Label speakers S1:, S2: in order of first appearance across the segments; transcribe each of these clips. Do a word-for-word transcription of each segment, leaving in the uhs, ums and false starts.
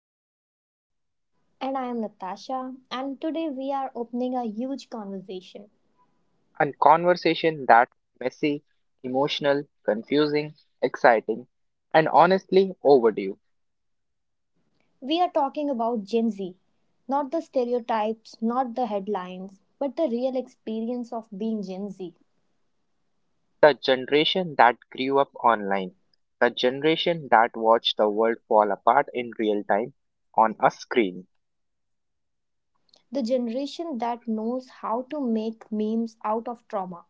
S1: am Nick.
S2: And I am Natasha, and today we are opening a huge conversation.
S1: A conversation that's messy, emotional, confusing, exciting, and honestly overdue.
S2: We are talking about Gen Z, not the stereotypes, not the headlines, but the real experience of being Gen Z,
S1: The generation that grew up online, the generation that watched the world fall apart in real time on a screen.
S2: the generation that knows how to make memes out of trauma,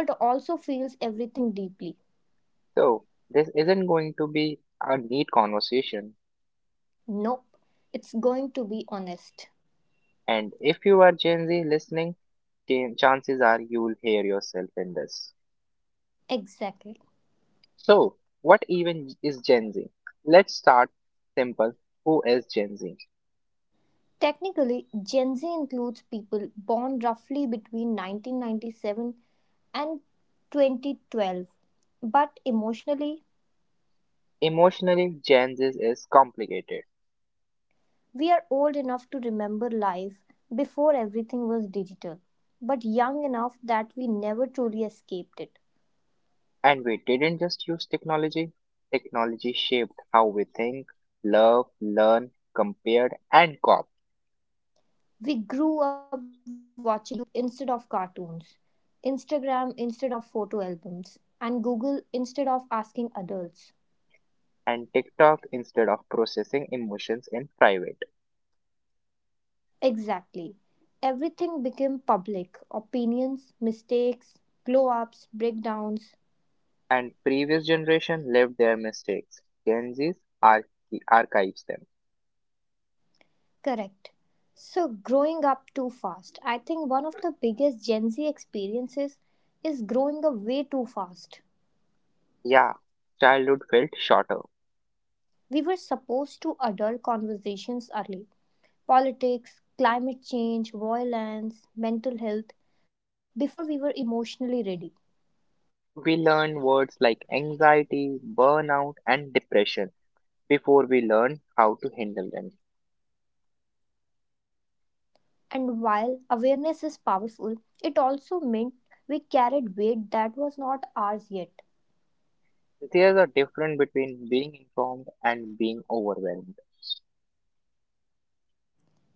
S2: but also feels everything deeply.
S1: So, this isn't going to be a neat conversation,
S2: Nope, it's going to be honest.
S1: and if you are Gen Z listening, chan- chances are you'll hear yourself in this.
S2: Exactly.
S1: So, what even is Gen Z? Let's start simple. Who is Gen Z?
S2: Technically, Gen Z includes people born roughly between nineteen ninety-seven and twenty twelve. But emotionally,
S1: Emotionally, Gen Z is complicated.
S2: we are old enough to remember life before everything was digital, but young enough that we never truly escaped it.
S1: And we didn't just use technology. Technology shaped how we think, love, learn, compare, and cop.
S2: We grew up watching YouTube instead of cartoons, Instagram instead of photo albums, and Google instead of asking adults.
S1: And TikTok, instead of processing emotions in private.
S2: Exactly. Everything became public opinions, mistakes, glow ups, breakdowns.
S1: And previous generation lived their mistakes. Gen Z's arch- archives them.
S2: Correct. So, growing up too fast. I think one of the biggest Gen Z experiences is growing up way too fast.
S1: Yeah, childhood felt shorter.
S2: We were supposed to adult conversations early: politics, climate change, violence, mental health, before we were emotionally ready.
S1: We learn words like anxiety, burnout, and depression before we learn how to handle them.
S2: And while awareness is powerful, it also meant we carried weight that was not ours yet.
S1: There's a difference between being informed and being overwhelmed.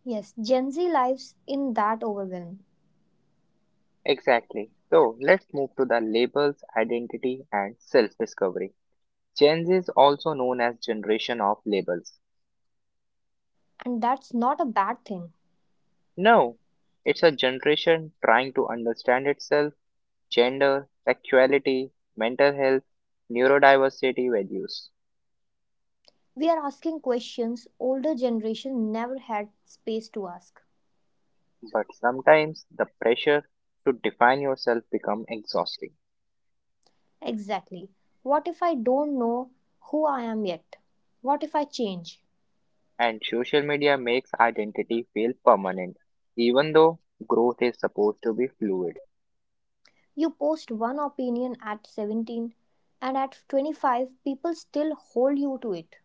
S2: Yes, Gen Z lives in that overwhelm,
S1: Exactly. So let's move to the labels, identity, and self discovery. Gen Z is also known as generation of labels.
S2: and that's not a bad thing.
S1: No, it's a generation trying to understand itself, gender, sexuality, mental health, neurodiversity values.
S2: We are asking questions older generation never had space to ask.
S1: But sometimes the pressure to define yourself become exhausting,
S2: Exactly. What if I don't know who I am yet? What if I change?
S1: and social media makes identity feel permanent, even though growth is supposed to be fluid.
S2: You post one opinion at seventeen, and at twenty-five people still hold you to it.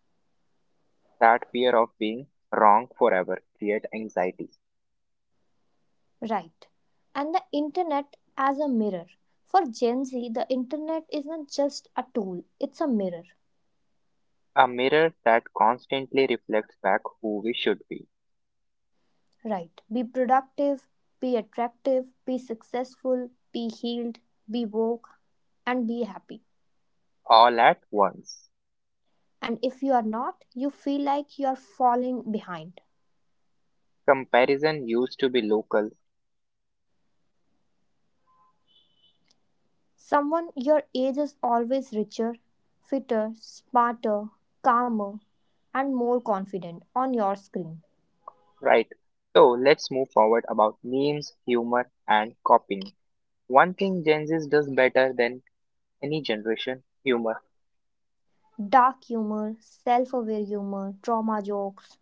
S1: That fear of being wrong forever creates anxiety,
S2: Right. And the internet as a mirror. For Gen Z, the internet isn't just a tool, it's a mirror.
S1: a mirror that constantly reflects back who we should be,
S2: Right. Be productive, be attractive, be successful, be healed, be woke, and be happy.
S1: all at once.
S2: And if you are not, you feel like you are falling behind.
S1: Comparison used to be local,
S2: Someone your age is always richer, fitter, smarter, calmer, and more confident on your screen.
S1: right? So let's move forward about memes, humor, and copying. One thing Gen Z does better than any generation, humor.
S2: Dark humor, self aware humor, trauma jokes,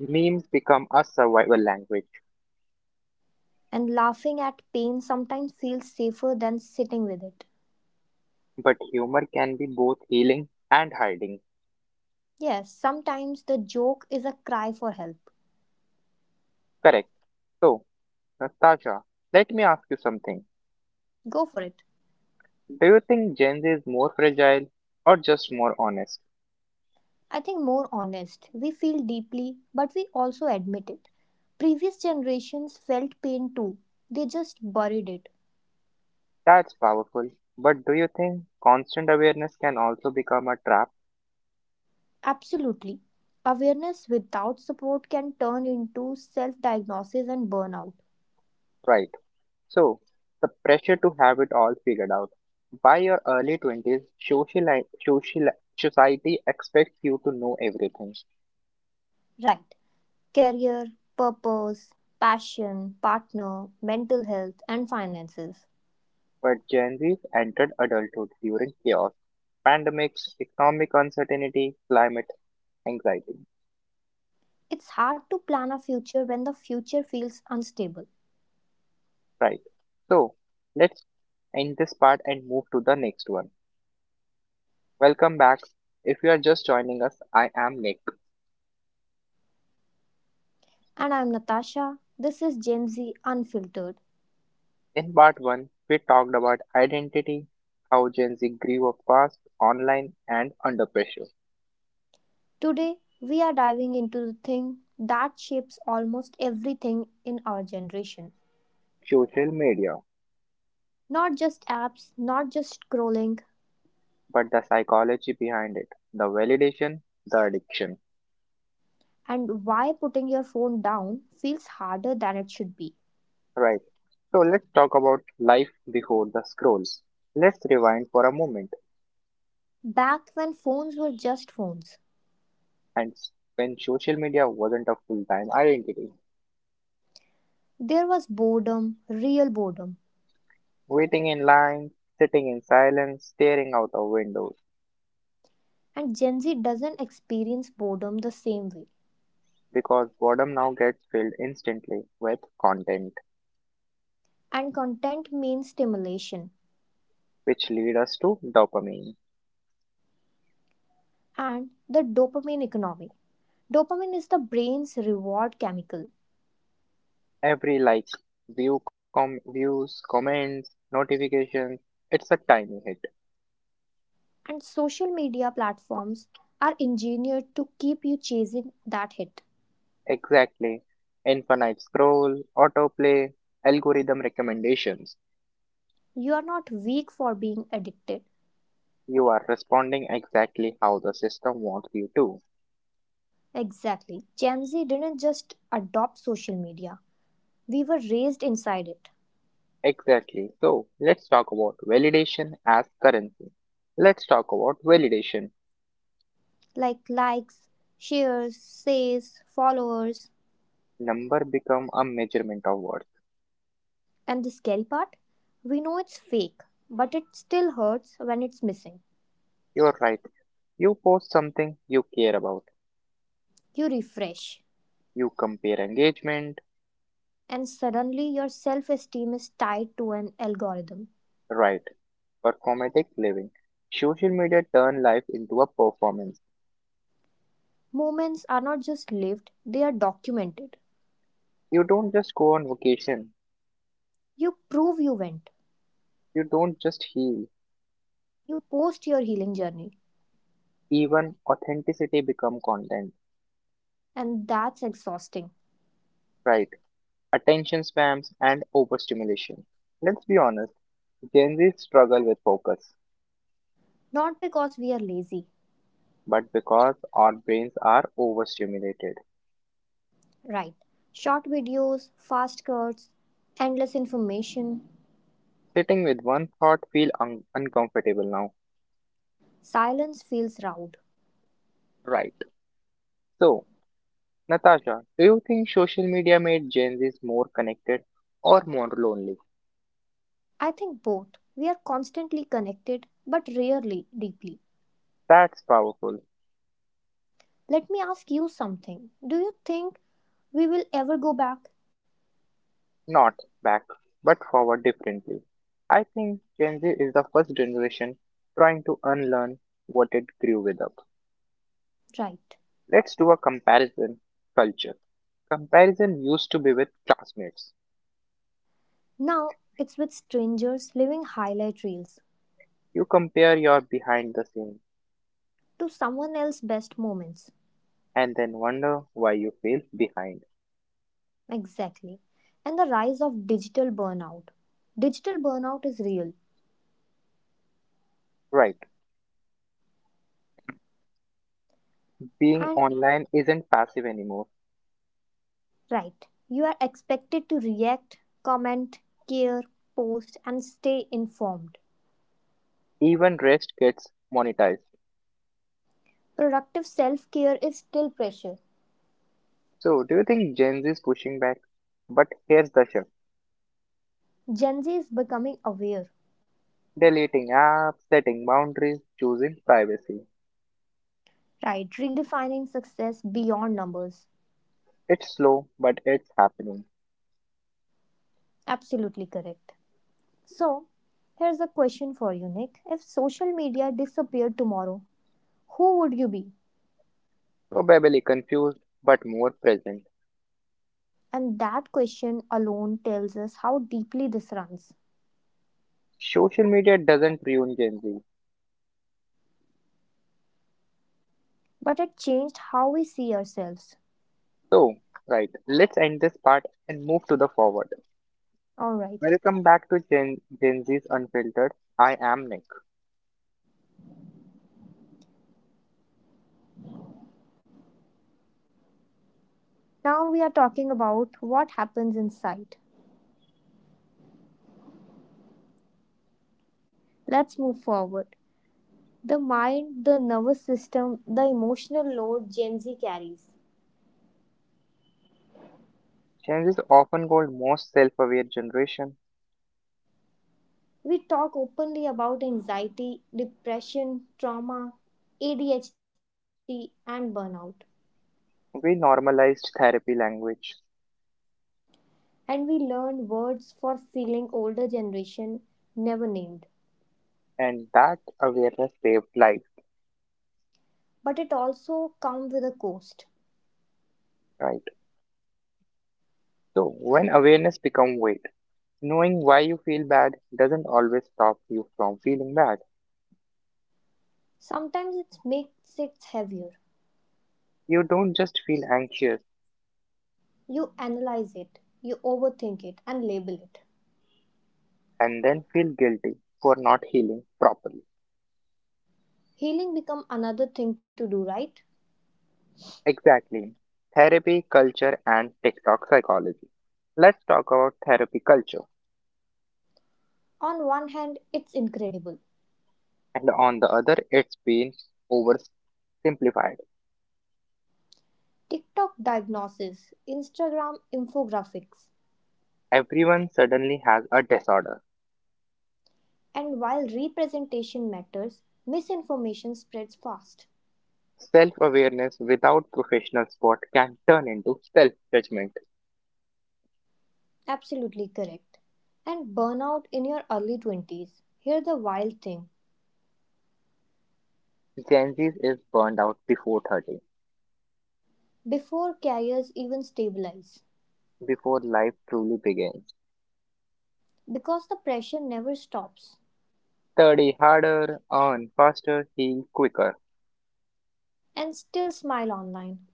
S1: Memes become a survival language,
S2: and laughing at pain sometimes feels safer than sitting with it.
S1: but humor can be both healing and hiding.
S2: Yes, sometimes the joke is a cry for help.
S1: Correct. So, Natasha, let me ask you something.
S2: Go for it.
S1: Do you think Gen Z is more fragile or just more honest?
S2: I think more honest. We feel deeply, but we also admit it. Previous generations felt pain too. They just buried it.
S1: That's powerful. But do you think constant awareness can also become a trap?
S2: Absolutely. Awareness without support can turn into self diagnosis and burnout.
S1: Right. So, the pressure to have it all figured out. By your early twenties, sociali- sociali- society expects you to know everything.
S2: Right. Career, purpose, passion, partner, mental health, and finances.
S1: But Gen Zs entered adulthood during chaos, pandemics, economic uncertainty, climate anxiety.
S2: It's hard to plan a future when the future feels unstable.
S1: Right. So let's end this part and move to the next one. Welcome back. If you are just joining us, I am Nick.
S2: And I'm Natasha. This is Gen Z Unfiltered.
S1: In part one, we talked about identity, how Gen Z grew up fast, online, and under pressure,
S2: Today, we are diving into the thing that shapes almost everything in our generation.
S1: social media,
S2: Not just apps, not just scrolling,
S1: but the psychology behind it, the validation, the addiction.
S2: and why putting your phone down feels harder than it should be.
S1: Right. So let's talk about life before the scrolls. Let's rewind for a moment
S2: Back when phones were just phones,
S1: and s- when social media wasn't a full time identity.
S2: there was boredom, real boredom,
S1: Waiting in line, sitting in silence, staring out of windows.
S2: and Gen Z doesn't experience boredom the same way.
S1: Because boredom now gets filled instantly with content,
S2: And content means stimulation
S1: which lead us to dopamine.
S2: and the dopamine economy. Dopamine is the brain's reward chemical.
S1: Every like, view com- views, comments, notifications, it's a tiny hit.
S2: And social media platforms are engineered to keep you chasing that hit.
S1: Exactly. Infinite scroll, autoplay, algorithm recommendations.
S2: You are not weak for being addicted.
S1: You are responding exactly how the system wants you to.
S2: Exactly. Gen Z didn't just adopt social media, we were raised inside it.
S1: Exactly. So let's talk about validation as currency. Let's talk about validation.
S2: Like likes, shares, says, followers.
S1: Number become a measurement of worth.
S2: And the scary part? We know it's fake, but it still hurts when it's missing.
S1: You're right. You post something you care about.
S2: You refresh,
S1: You compare engagement,
S2: and suddenly your self esteem is tied to an algorithm.
S1: right? Performatic living. Social media turn life into a performance.
S2: Moments are not just lived, they are documented.
S1: You don't just go on vacation.
S2: You prove you went.
S1: You don't just heal.
S2: You post your healing journey.
S1: Even authenticity become content,
S2: And that's exhausting.
S1: right? Attention spams, and overstimulation. Let's be honest, Gen Z struggle with focus,
S2: Not because we are lazy,
S1: but because our brains are overstimulated,
S2: right? Short videos, fast cuts, endless information,
S1: sitting with one thought feel un- uncomfortable now.
S2: silence feels loud.
S1: Right. So, Natasha, do you think social media made Gen Zs more connected or more lonely?
S2: I think both. We are constantly connected, but rarely deeply.
S1: That's powerful.
S2: Let me ask you something. Do you think we will ever go back?
S1: Not back, but forward differently. I think Gen Z is the first generation trying to unlearn what it grew with up.
S2: Right.
S1: Let's do a comparison culture. Comparison used to be with classmates.
S2: Now it's with strangers living highlight reels,
S1: You compare your behind the scenes
S2: to someone else's best moments.
S1: and then wonder why you feel behind.
S2: Exactly. And the rise of digital burnout. Digital burnout is real.
S1: Right. Being
S2: And
S1: online isn't passive anymore.
S2: right, you are expected to react, comment, care, post, and stay informed.
S1: Even rest gets monetized.
S2: Productive self care is still pressure.
S1: So, do you think Gen Z is pushing back? But here's the shift,
S2: Gen Z is becoming aware,
S1: deleting apps, setting boundaries, choosing privacy.
S2: right? Redefining success beyond numbers.
S1: It's slow, but it's happening.
S2: Absolutely correct. So, here's a question for you, Nick. If social media disappeared tomorrow, who would you be?
S1: Probably confused, but more present.
S2: And that question alone tells us how deeply this runs.
S1: Social media doesn't ruin Gen Z.
S2: But it changed how we see ourselves.
S1: So, right, let's end this part and move to the forward.
S2: All right.
S1: Welcome back to Gen, Gen Z's Unfiltered. I am Nick.
S2: Now we are talking about what happens inside. Let's move forward. The mind, the nervous system, the emotional load Gen Z carries.
S1: Gen Z is often called most self-aware generation.
S2: We talk openly about anxiety, depression, trauma, A D H D, and burnout.
S1: We normalized therapy language,
S2: And we learn words for feeling older generation never named.
S1: and that awareness saved life,
S2: But it also comes with a cost.
S1: right? So, when awareness become weight, knowing why you feel bad doesn't always stop you from feeling bad.
S2: Sometimes it makes it heavier.
S1: You don't just feel anxious
S2: You analyze it, you overthink it, and label it.
S1: and then feel guilty for not healing properly.
S2: Healing become another thing to do, right?
S1: Exactly. Therapy, culture, and TikTok psychology. Let's talk about therapy culture.
S2: On one hand, it's incredible.
S1: And on the other, it's been oversimplified.
S2: TikTok diagnosis, Instagram infographics,
S1: Everyone suddenly has a disorder.
S2: and while representation matters, misinformation spreads fast.
S1: Self awareness without professional support can turn into self judgment.
S2: Absolutely correct. And burnout in your early twenties. Here's the wild thing:
S1: Gen Z is burned out before thirty,
S2: before careers even stabilize,
S1: before life truly begins.
S2: because the pressure never stops.
S1: Study harder, earn faster, heal quicker.
S2: And still smile online.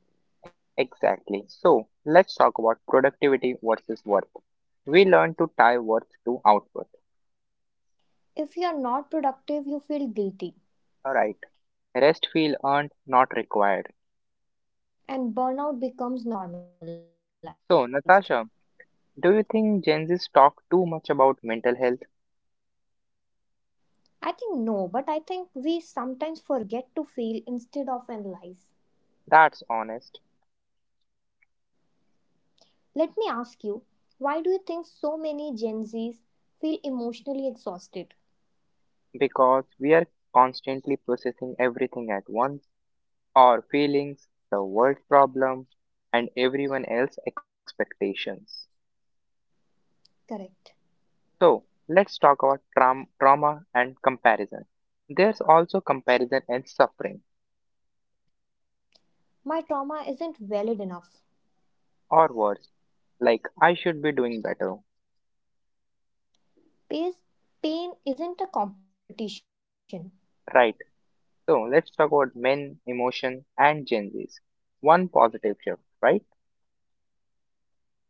S1: Exactly. So let's talk about productivity versus worth. We learn to tie worth to output.
S2: If you're not productive, you feel guilty,
S1: Alright. Rest feel earned, not required.
S2: and burnout becomes normalized.
S1: So Natasha, do you think Gen Z's talk too much about mental health?
S2: I think no, but I think we sometimes forget to feel instead of analyze.
S1: That's honest.
S2: Let me ask you, why do you think so many Gen Zs feel emotionally exhausted?
S1: Because we are constantly processing everything at once. Our feelings, the world problem, and everyone else's expectations.
S2: Correct.
S1: So let's talk about traum- trauma and comparison. There's also comparison and suffering,
S2: My trauma isn't valid enough.
S1: or words like I should be doing better,
S2: Pain isn't a competition.
S1: right? So let's talk about men, emotion, and Gen Zs. One positive shift, right?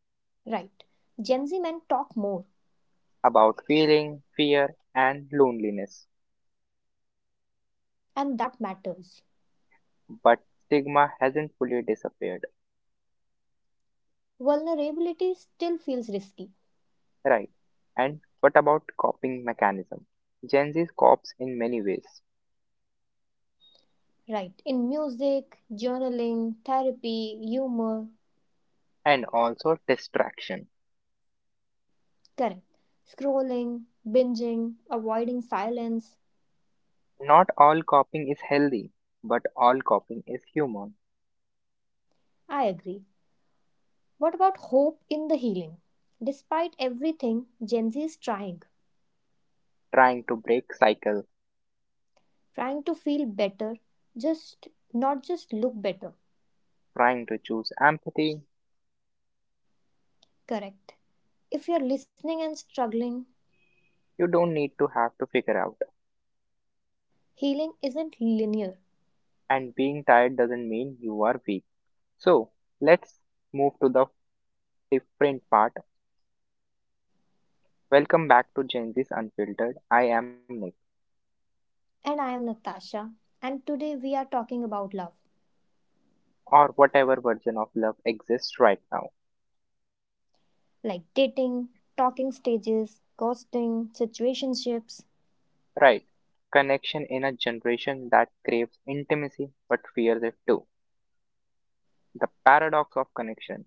S2: Right. Gen Z men talk more,
S1: About feeling, fear, and loneliness.
S2: and that matters.
S1: But stigma hasn't fully disappeared,
S2: Vulnerability still feels risky.
S1: right? And what about coping mechanism? Gen Z copes in many ways,
S2: Right. In music, journaling, therapy, humor.
S1: and also distraction.
S2: Correct. Scrolling, binging, avoiding silence.
S1: Not all copying is healthy, but all copying is human.
S2: I agree. What about hope in the healing? Despite everything, Gen Z is trying.
S1: Trying to break cycles,
S2: Trying to feel better, just not just look better.
S1: trying to choose empathy,
S2: Correct. If you're listening and struggling,
S1: you don't need to have to figure out.
S2: healing isn't linear.
S1: And being tired doesn't mean you are weak. So, let's move to the different part. Welcome back to Gen Z's Unfiltered. I am Nick,
S2: And I am Natasha, and today we are talking about love.
S1: or whatever version of love exists right now.
S2: Like dating, talking stages, ghosting, situationships.
S1: Right. Connection in a generation that craves intimacy but fears it too. The paradox of connection.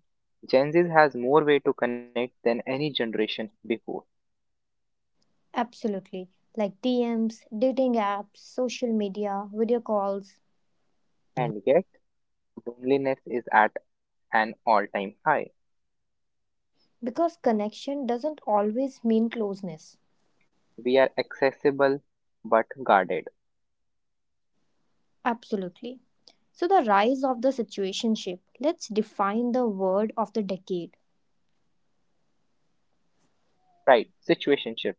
S1: Gen Z has more way to connect than any generation before,
S2: Absolutely. Like D Ms, dating apps, social media, video calls.
S1: and yet loneliness is at an all-time high.
S2: Because connection doesn't always mean closeness.
S1: We are accessible but guarded.
S2: Absolutely. So, the rise of the situationship. Let's define the word of the decade.
S1: Right. Situationship.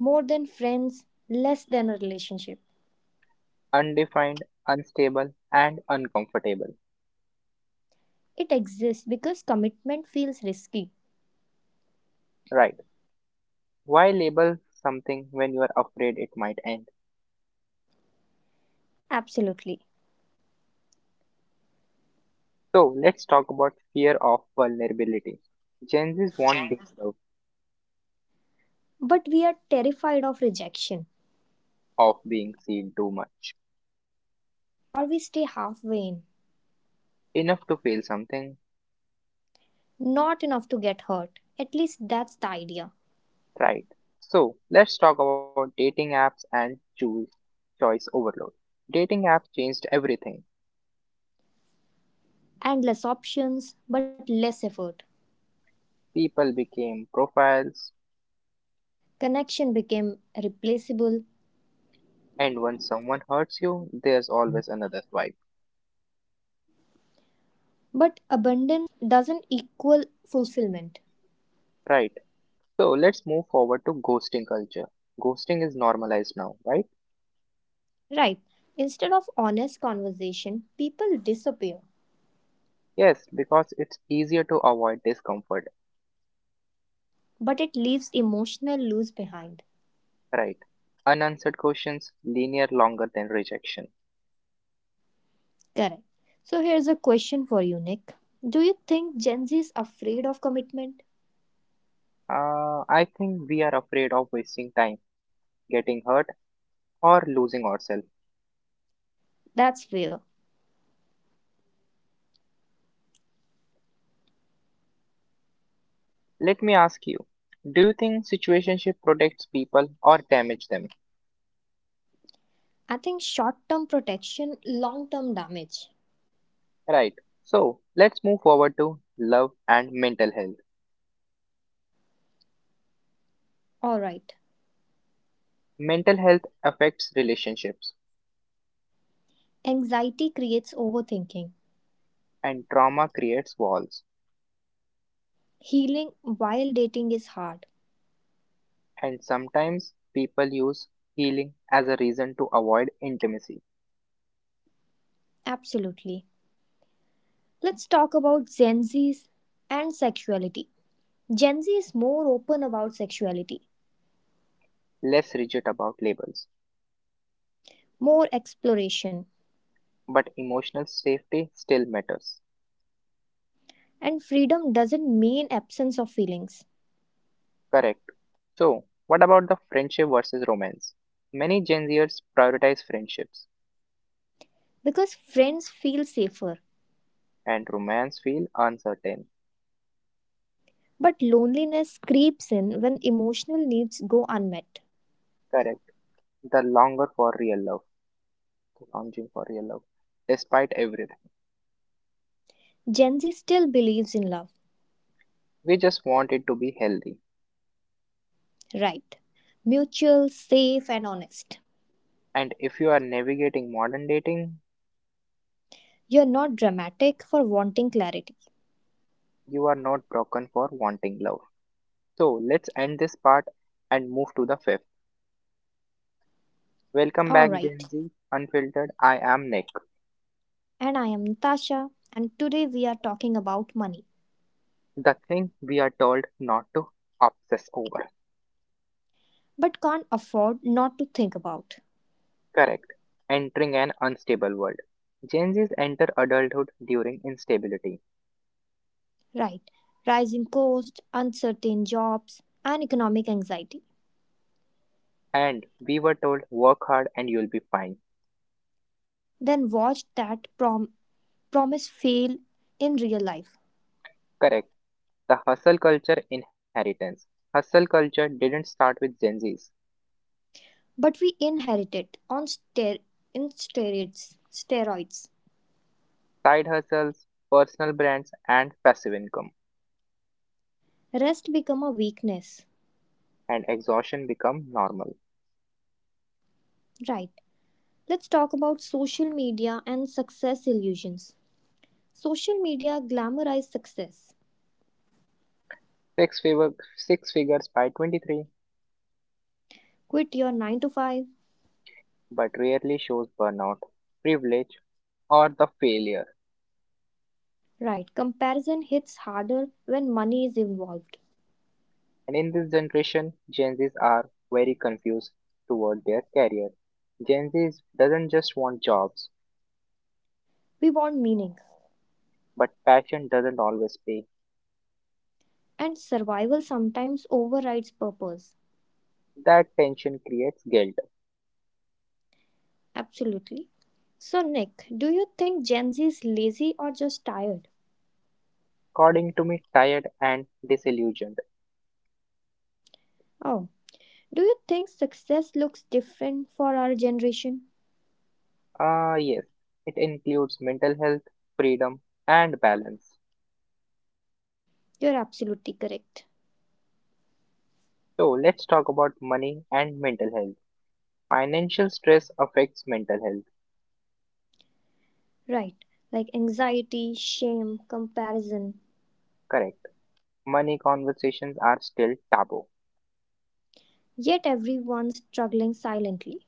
S2: More than friends, less than a relationship.
S1: Undefined, unstable, and uncomfortable.
S2: It exists because commitment feels risky.
S1: Right. Why label something when you are afraid it might end?
S2: Absolutely.
S1: So let's talk about fear of vulnerability. Gen Z's want deep love,
S2: But we are terrified of rejection,
S1: of being seen too much.
S2: or we stay halfway in.
S1: Enough to feel something.
S2: Not enough to get hurt. At least that's the idea.
S1: Right. So let's talk about dating apps and choice choice overload. Dating apps changed everything.
S2: Endless options, but less effort.
S1: People became profiles,
S2: Connection became replaceable,
S1: and when someone hurts you, there's always another swipe.
S2: but abundance doesn't equal fulfillment.
S1: Right. So let's move forward to ghosting culture. Ghosting is normalized now, right?
S2: Right. Instead of honest conversation, people disappear,
S1: Yes, because it's easier to avoid discomfort.
S2: but it leaves emotional loss behind.
S1: Right. Unanswered questions linear longer than rejection.
S2: Correct. So here's a question for you, Nick. Do you think Gen Z is afraid of commitment?
S1: Uh, I think we are afraid of wasting time, getting hurt, or losing ourselves.
S2: That's fair.
S1: Let me ask you, do you think situationship protects people or damage them?
S2: I think short term protection, long term damage.
S1: Right. So let's move forward to love and mental health.
S2: Alright.
S1: Mental health affects relationships
S2: Anxiety creates overthinking.
S1: and trauma creates walls.
S2: Healing while dating is hard.
S1: And sometimes people use healing as a reason to avoid intimacy,
S2: Absolutely. Let's talk about Gen Z's and sexuality. Gen Z is more open about sexuality,
S1: less rigid about labels.
S2: more exploration,
S1: But emotional safety still matters.
S2: and freedom doesn't mean absence of feelings,
S1: Correct. So what about the friendship versus romance? Many Gen Zers prioritize friendships
S2: because friends feel safer.
S1: and romance feel uncertain.
S2: But loneliness creeps in when emotional needs go unmet.
S1: Correct. The longer for real love, the longing for real love, despite everything.
S2: Gen Z still believes in love,
S1: We just want it to be healthy.
S2: right? Mutual, safe, and honest.
S1: And if you are navigating modern dating,
S2: You're not dramatic for wanting clarity.
S1: you are not broken for wanting love. So let's end this part and move to the fifth. Welcome
S2: All
S1: back,
S2: right,
S1: Gen Z Unfiltered. I am Nick.
S2: and I am Natasha, and today we are talking about money,
S1: The thing we are told not to obsess over.
S2: but can't afford not to think about.
S1: Correct. Entering an unstable world. Gen Zs enter adulthood during instability.
S2: Right, rising costs, uncertain jobs, and economic anxiety.
S1: And we were told, work hard and you'll be fine.
S2: Then watch that prom- promise fail in real life,
S1: Correct. The hustle culture inheritance. Hustle culture didn't start with Gen Zs.
S2: but we inherit it on ster- in steroids. Steroids.
S1: Side hustles, personal brands, and passive income
S2: Rest become a weakness.
S1: and exhaustion become normal.
S2: Right. Let's talk about social media and success illusions. Social media glamorize success.
S1: Six, figure, six figures by twenty-three,
S2: Quit your nine to five.
S1: but rarely shows burnout, privilege, or the failure.
S2: Right, comparison hits harder when money is involved.
S1: And in this generation, Gen Zs are very confused toward their career. Gen Zs doesn't just want jobs,
S2: We want meaning,
S1: but passion doesn't always pay.
S2: and survival sometimes overrides purpose.
S1: That tension creates guilt.
S2: Absolutely. So, Nick, do you think Gen Z is lazy or just tired?
S1: According to me, tired and disillusioned.
S2: Oh, do you think success looks different for our generation?
S1: Ah, yes, it includes mental health, freedom, and balance.
S2: You're absolutely correct.
S1: So, let's talk about money and mental health. Financial stress affects mental health.
S2: Right, like anxiety, shame, comparison.
S1: Correct. Money conversations are still taboo.
S2: Yet everyone's struggling silently.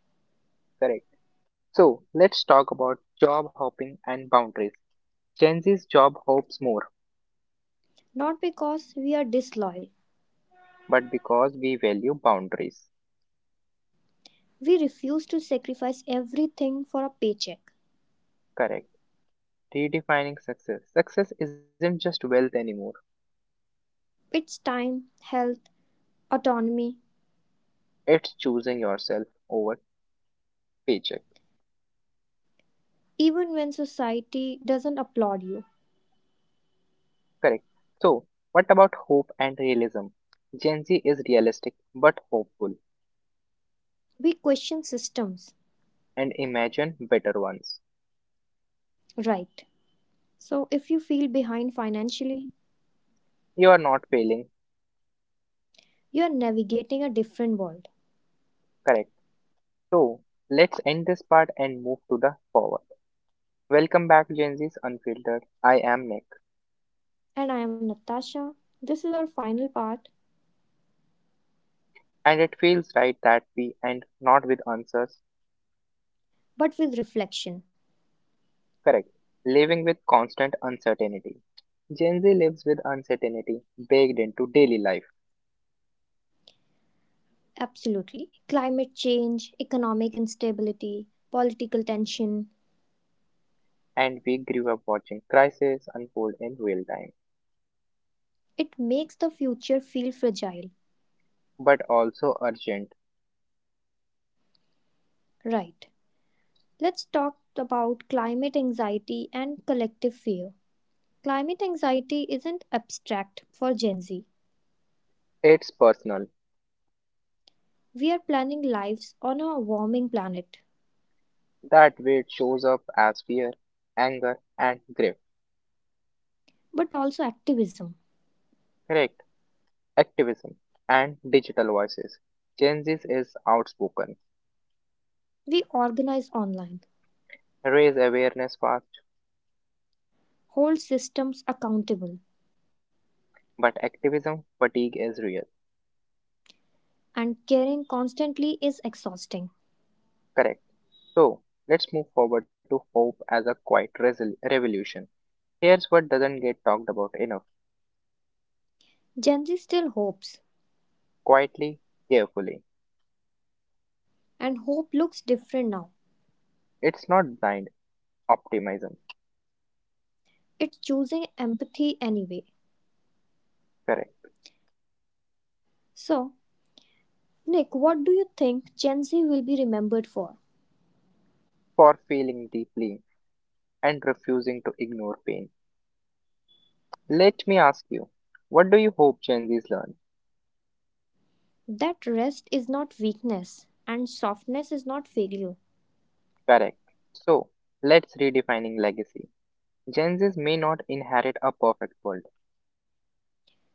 S1: Correct. So, let's talk about job hopping and boundaries. Gen Z's job hopes more,
S2: Not because we are disloyal,
S1: but because we value boundaries.
S2: we refuse to sacrifice everything for a paycheck.
S1: Correct. Redefining success. Success isn't just wealth anymore.
S2: It's time, health, autonomy.
S1: It's choosing yourself over paycheck.
S2: Even when society doesn't applaud you,
S1: Correct. So, what about hope and realism? Gen Z is realistic but hopeful
S2: we question systems.
S1: and imagine better ones.
S2: Right. So, if you feel behind financially,
S1: You are not failing.
S2: you are navigating a different world.
S1: Correct. So, let's end this part and move to the forward. Welcome back, Gen Z's Unfiltered. I am Nick,
S2: And I am Natasha. This is our final part,
S1: and it feels right that we end not with answers.
S2: but with reflection.
S1: Correct. Living with constant uncertainty. Gen Z lives with uncertainty baked into daily life.
S2: Absolutely. Climate change, economic instability, political tension,
S1: And we grew up watching crises unfold in real time,
S2: it makes the future feel fragile.
S1: but also urgent.
S2: Right. Let's talk about climate anxiety and collective fear. Climate anxiety isn't abstract for Gen Z.
S1: It's personal.
S2: We are planning lives on a warming planet,
S1: That weight shows up as fear, anger, and grief.
S2: but also activism.
S1: Correct. Activism and digital voices. Changes is outspoken.
S2: We organize online,
S1: Raise awareness fast,
S2: hold systems accountable,
S1: but activism fatigue is real.
S2: and caring constantly is exhausting.
S1: Correct. So let's move forward to hope as a quiet resol- revolution. Here's what doesn't get talked about enough.
S2: Gen Z still hopes,
S1: Quietly, carefully.
S2: and hope looks different now.
S1: It's not blind optimism.
S2: It's choosing empathy anyway.
S1: Correct.
S2: So, Nick, what do you think Gen Z will be remembered for?
S1: For feeling deeply and refusing to ignore pain. Let me ask you, what do you hope Gen Zs learn?
S2: That rest is not weakness and softness is not failure,
S1: Correct. So, let's redefining legacy. Gen Zs may not inherit a perfect world.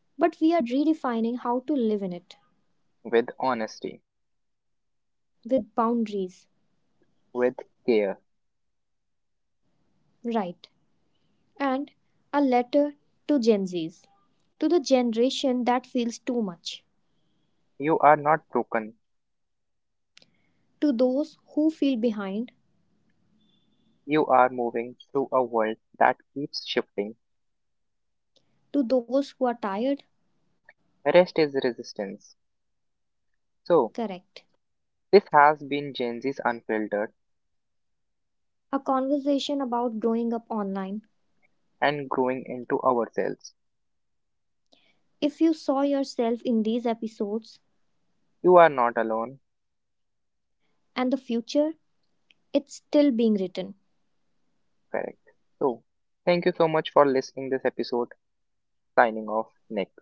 S2: but we are redefining how to live in it
S1: With honesty,
S2: with boundaries,
S1: with care,
S2: right? And a letter to Gen Zs, to the generation that feels too much,
S1: you are not broken.
S2: to those who feel behind,
S1: You are moving through a world that keeps shifting.
S2: to those who are tired,
S1: Rest is resistance. So,
S2: correct.
S1: this has been Gen Z's unfiltered
S2: A conversation about growing up online.
S1: and growing into ourselves.
S2: If you saw yourself in these episodes
S1: You are not alone.
S2: and the future, it's still being written.
S1: Correct. So, thank you so much for listening this episode. Signing off, Nick.